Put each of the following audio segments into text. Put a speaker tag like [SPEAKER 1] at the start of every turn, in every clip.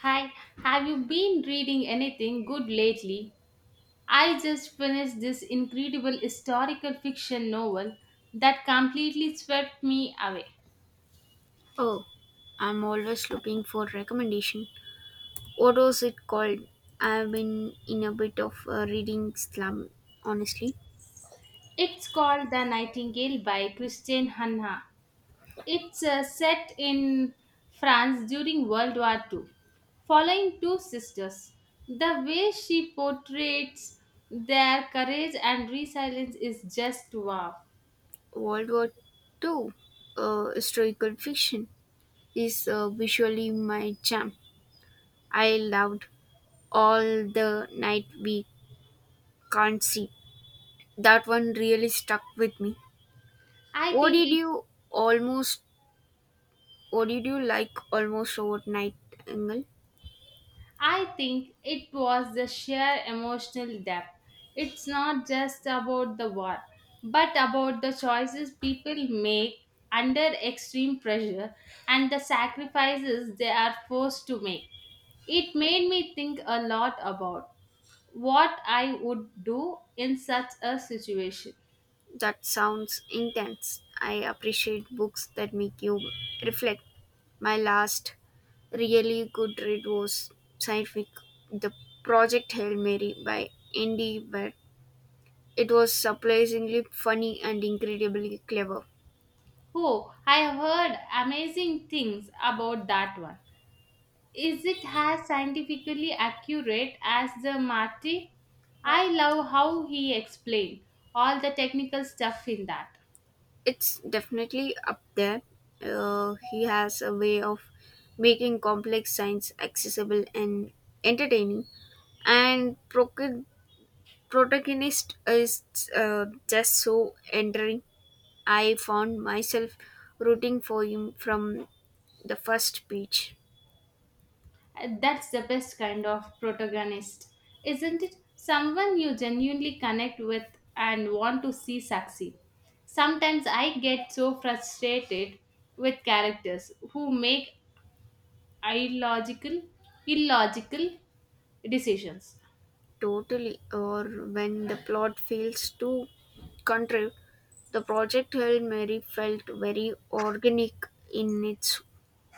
[SPEAKER 1] Hi, have you been reading anything good lately? I just finished this incredible historical fiction novel that completely swept me away.
[SPEAKER 2] Oh, I'm always looking for recommendation. What was it called? I've been in a bit of a reading slump, honestly.
[SPEAKER 1] It's called The Nightingale by Christine Hanna. It's set in France during World War Two, following two sisters. The way she portrays their courage and resilience is just wow.
[SPEAKER 2] World War Two, historical fiction, is visually my jam. I loved all the night we can't see. That one really stuck with me.
[SPEAKER 1] I
[SPEAKER 2] What
[SPEAKER 1] think
[SPEAKER 2] did
[SPEAKER 1] it
[SPEAKER 2] you almost? What did you like almost overnight, Angle?
[SPEAKER 1] I think it was the sheer emotional depth. It's not just about the war, but about the choices people make under extreme pressure and the sacrifices they are forced to make. It made me think a lot about what I would do in such a situation.
[SPEAKER 2] That sounds intense. I appreciate books that make you reflect. My last really good read was scientific The Project Hail Mary by Andy but it was surprisingly funny and incredibly clever.
[SPEAKER 1] Oh, I have heard amazing things about that one. Is it as scientifically accurate as the Marty? I love how he explained all the technical stuff in that.
[SPEAKER 2] It's definitely up there. He has a way of making complex science accessible and entertaining, and protagonist is just so endearing I found myself rooting for him from the first page.
[SPEAKER 1] That's the best kind of protagonist, isn't it? Someone you genuinely connect with and want to see succeed. Sometimes I get so frustrated with characters who make illogical, illogical decisions.
[SPEAKER 2] Totally, or when the plot feels too contrived, the project Hail Mary felt very organic in its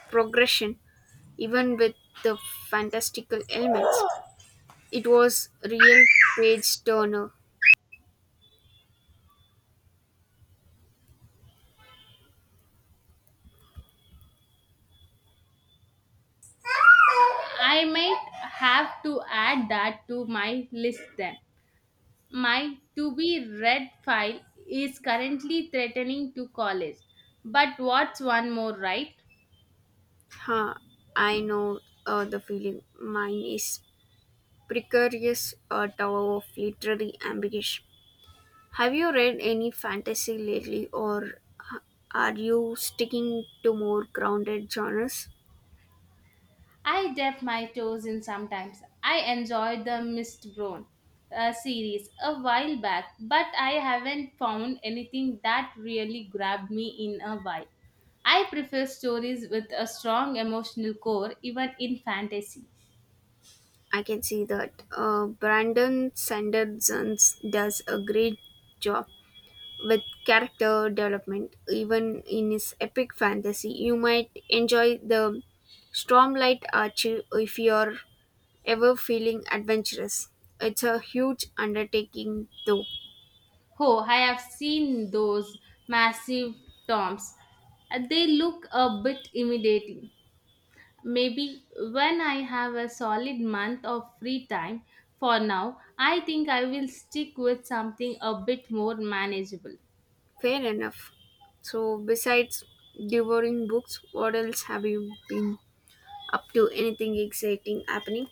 [SPEAKER 2] progression, even with the fantastical elements. It was real page turner.
[SPEAKER 1] I might have to add that to my list then. My to be read file is currently threatening to college. But what's one more, right?
[SPEAKER 2] Huh, I know the feeling. Mine is precarious, a tower of literary ambition. Have you read any fantasy lately, or h- are you sticking to more grounded genres?
[SPEAKER 1] I dip my toes in sometimes. I enjoyed the Mistborn series a while back, but I haven't found anything that really grabbed me in a while. I prefer stories with a strong emotional core, even in fantasy.
[SPEAKER 2] I can see that. Brandon Sanderson does a great job with character development, even in his epic fantasy. You might enjoy the Stormlight Archive if you're ever feeling adventurous. It's a huge undertaking, though.
[SPEAKER 1] Oh, I have seen those massive tomes. They look a bit intimidating. Maybe when I have a solid month of free time for now, I think I will stick with something a bit more manageable.
[SPEAKER 2] Fair enough. So, besides devouring books, what else have you been up to? Anything exciting happening?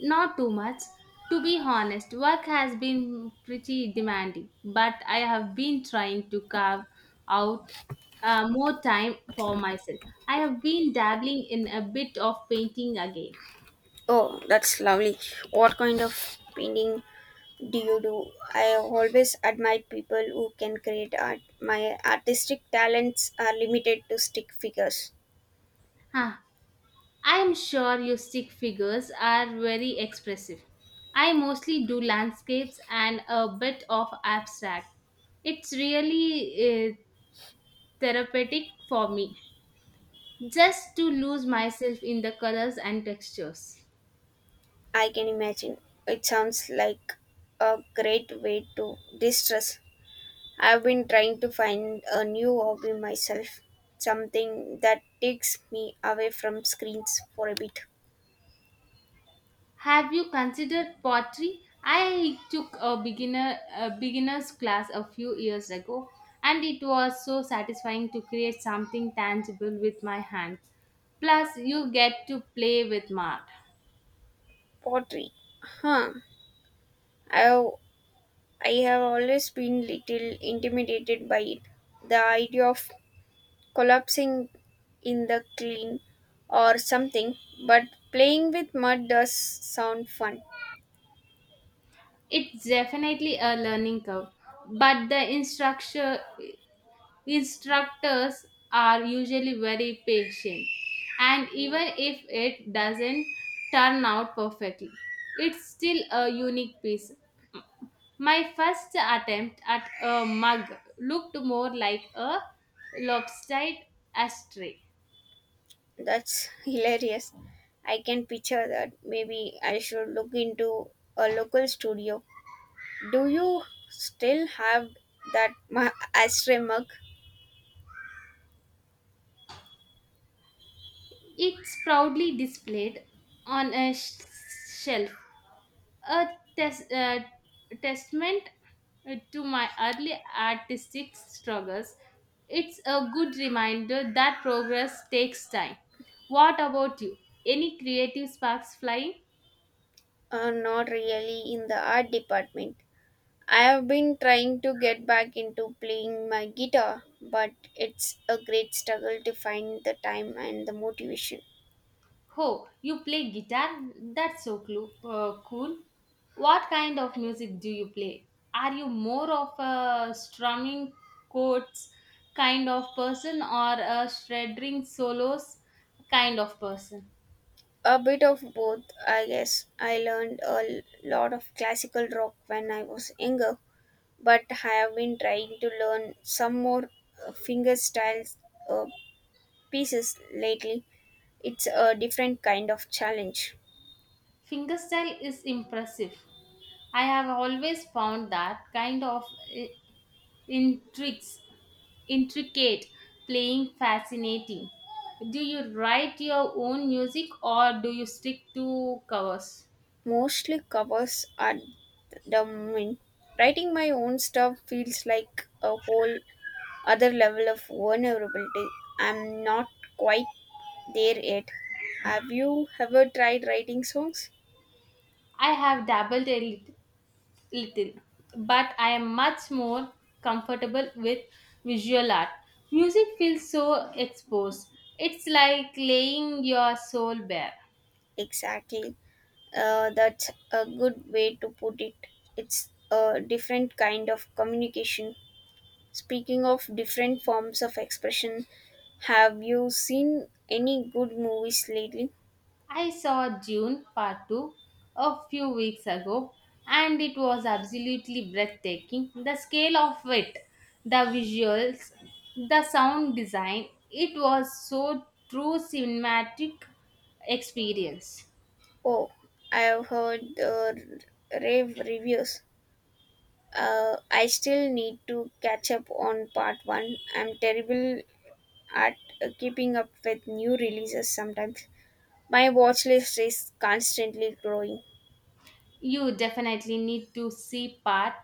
[SPEAKER 1] Not too much. To be honest, work has been pretty demanding, but I have been trying to carve out more time for myself. I have been dabbling in a bit of painting again.
[SPEAKER 2] Oh, that's lovely. What kind of painting do you do? I always admire people who can create art. My artistic talents are limited to stick figures.
[SPEAKER 1] Huh. I am sure your stick figures are very expressive. I mostly do landscapes and a bit of abstract. It's really therapeutic for me just to lose myself in the colors and textures.
[SPEAKER 2] I can imagine. It sounds like a great way to distress. I've been trying to find a new hobby myself, something that takes me away from screens for a bit.
[SPEAKER 1] Have you considered pottery? I took a beginner's class a few years ago and it was so satisfying to create something tangible with my hand. Plus you get to play with mark.
[SPEAKER 2] Pottery. Huh. I have, I have always been little intimidated by it. The idea of collapsing in the clean or something, but playing with mud does sound fun.
[SPEAKER 1] It's definitely a learning curve, but instructors are usually very patient. And even if it doesn't turn out perfectly, it's still a unique piece. My first attempt at a mug looked more like a lopsided ashtray.
[SPEAKER 2] That's hilarious. I can picture that. Maybe I should look into a local studio. Do you still have that ashtray mug?
[SPEAKER 1] It's proudly displayed on a shelf a tes- uh, testament to my early artistic struggles. It's a good reminder that progress takes time. What about you? Any creative sparks flying?
[SPEAKER 2] Not really in the art department. I have been trying to get back into playing my guitar, but it's a great struggle to find the time and the motivation.
[SPEAKER 1] Oh, you play guitar? That's so cool. What kind of music do you play? Are you more of a strumming chords kind of person or a shredding solos kind of person?
[SPEAKER 2] A bit of both, I guess. I learned lot of classical rock when I was younger, but I have been trying to learn some more finger styles uh, pieces lately. It's a different kind of challenge.
[SPEAKER 1] Fingerstyle is impressive. I have always found that kind of i- intrigues, intricate playing fascinating. Do you write your own music or do you stick to covers?
[SPEAKER 2] Mostly covers at the moment. Writing my own stuff feels like a whole other level of vulnerability. I'm not quite there yet. Have you ever tried writing songs?
[SPEAKER 1] I have dabbled a little, but I am much more comfortable with visual art. Music feels so exposed. It's like laying your soul bare.
[SPEAKER 2] Exactly. That's a good way to put it. It's a different kind of communication. Speaking of different forms of expression, have you seen any good movies lately?
[SPEAKER 1] I saw June Part 2 a few weeks ago and it was absolutely breathtaking. The scale of it, the visuals, the sound design, it was so true cinematic experience.
[SPEAKER 2] Oh, I've heard the rave reviews. I still need to catch up on part one. I'm terrible at keeping up with new releases sometimes. My watch list is constantly growing.
[SPEAKER 1] You definitely need to see Part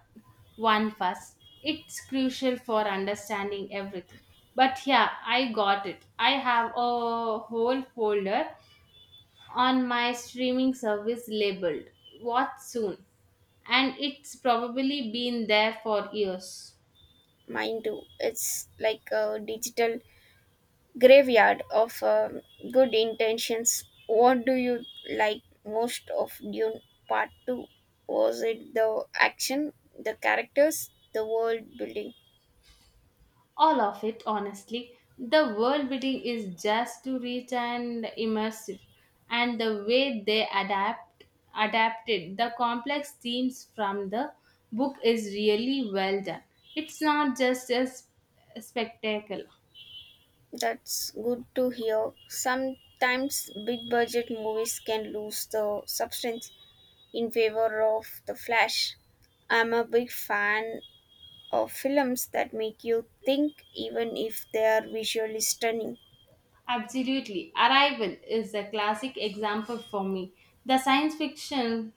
[SPEAKER 1] One first. It's crucial for understanding everything. But yeah, I got it. I have a whole folder on my streaming service labeled Watch Soon, and it's probably been there for years.
[SPEAKER 2] Mine too. It's like a digital graveyard of good intentions. What do you like most of Dune Part 2? Was it the action, the characters, the world building?
[SPEAKER 1] All of it, honestly. The world building is just too rich and immersive, and the way they adapt adapted the complex themes from the book is really well done. It's not just a spectacle.
[SPEAKER 2] That's good to hear. Sometimes big budget movies can lose the substance in favor of the flash. I'm a big fan of films that make you think, even if they are visually stunning.
[SPEAKER 1] Absolutely. Arrival is a classic example for me. The science fiction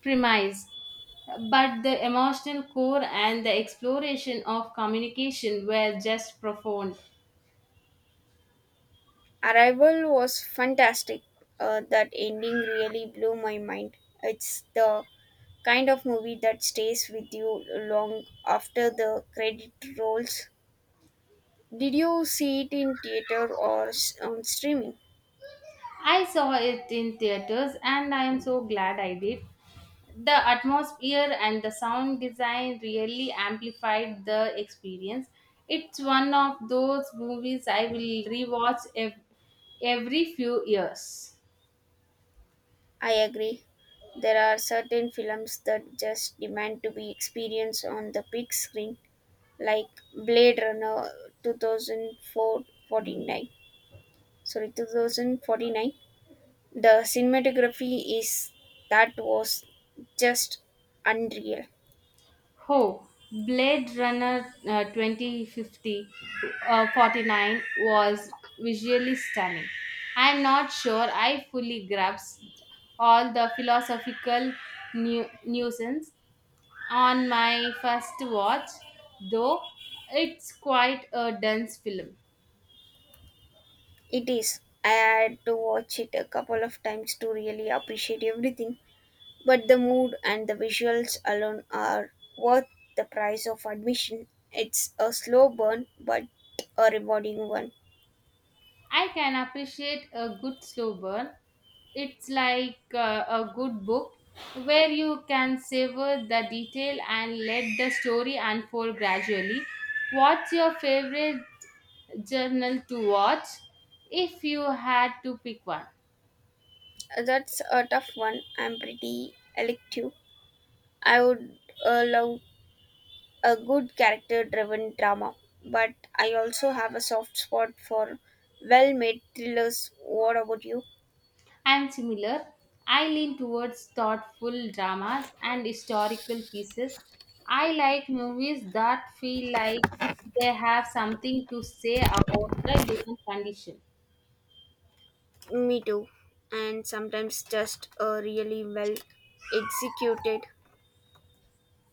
[SPEAKER 1] premise, but the emotional core and the exploration of communication were just profound.
[SPEAKER 2] Arrival was fantastic. That ending really blew my mind. It's the kind of movie that stays with you long after the credit rolls. Did you see it in theater or on streaming?
[SPEAKER 1] I saw it in theaters and I am so glad I did. The atmosphere and the sound design really amplified the experience. It's one of those movies I will rewatch every few years.
[SPEAKER 2] I agree. There are certain films that just demand to be experienced on the big screen, like Blade Runner 2049. Sorry, 2049. The cinematography is that was just unreal.
[SPEAKER 1] Oh, Blade Runner uh, 2050 uh, 49 was visually stunning. I am not sure I fully grasped all the philosophical nuisance on my first watch, though it's quite a dense film.
[SPEAKER 2] It is. I had to watch it a couple of times to really appreciate everything. But the mood and the visuals alone are worth the price of admission. It's a slow burn, but a rewarding one.
[SPEAKER 1] I can appreciate a good slow burn. It's like a good book where you can savor the detail and let the story unfold gradually. What's your favorite journal to watch if you had to pick one?
[SPEAKER 2] That's a tough one. I'm pretty elective. I would love a good character driven drama, but I also have a soft spot for well made thrillers. What about you?
[SPEAKER 1] I'm similar. I lean towards thoughtful dramas and historical pieces. I like movies that feel like they have something to say about the human condition.
[SPEAKER 2] Me too. And sometimes just a really well executed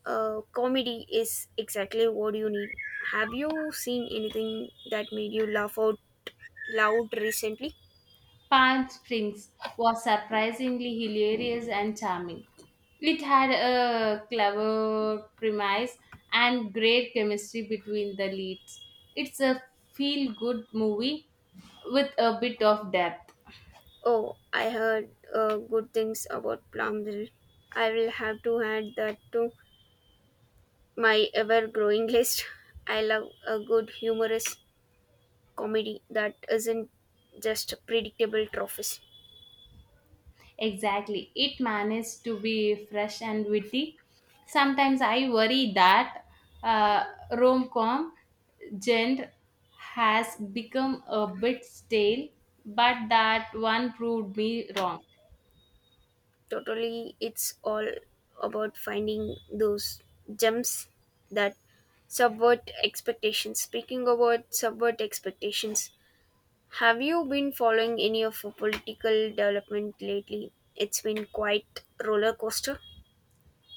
[SPEAKER 2] comedy is exactly what you need. Have you seen anything that made you laugh out loud recently?
[SPEAKER 1] Palm Springs was surprisingly hilarious and charming. It had a clever premise and great chemistry between the leads. It's a feel good movie with a bit of depth.
[SPEAKER 2] Oh, I heard good things about Plumville. I will have to add that to my ever growing list. I love a good humorous comedy that isn't just predictable trophies.
[SPEAKER 1] Exactly. It managed to be fresh and witty. Sometimes I worry that uh, rom com genre has become a bit stale, but that one proved me wrong.
[SPEAKER 2] Totally, it's all about finding those gems that subvert expectations. Speaking about subvert expectations, have you been following any of a political development lately? It's been quite roller coaster.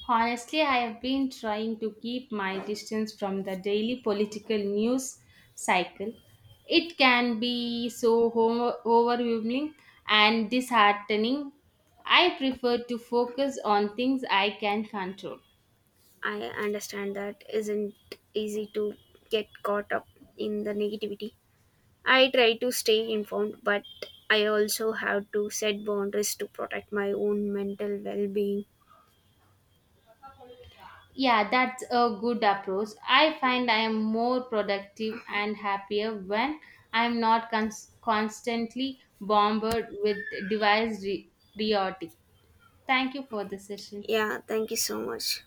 [SPEAKER 1] Honestly, I have been trying to keep my distance from the daily political news cycle. It can be so overwhelming and disheartening. I prefer to focus on things I can control.
[SPEAKER 2] I understand that isn't easy to get caught up in the negativity. I try to stay informed, but I also have to set boundaries to protect my own mental well being.
[SPEAKER 1] Yeah, that's a good approach. I find I am more productive and happier when I'm not constantly bombarded with device re- riotic. Thank you for the session.
[SPEAKER 2] Yeah, thank you so much.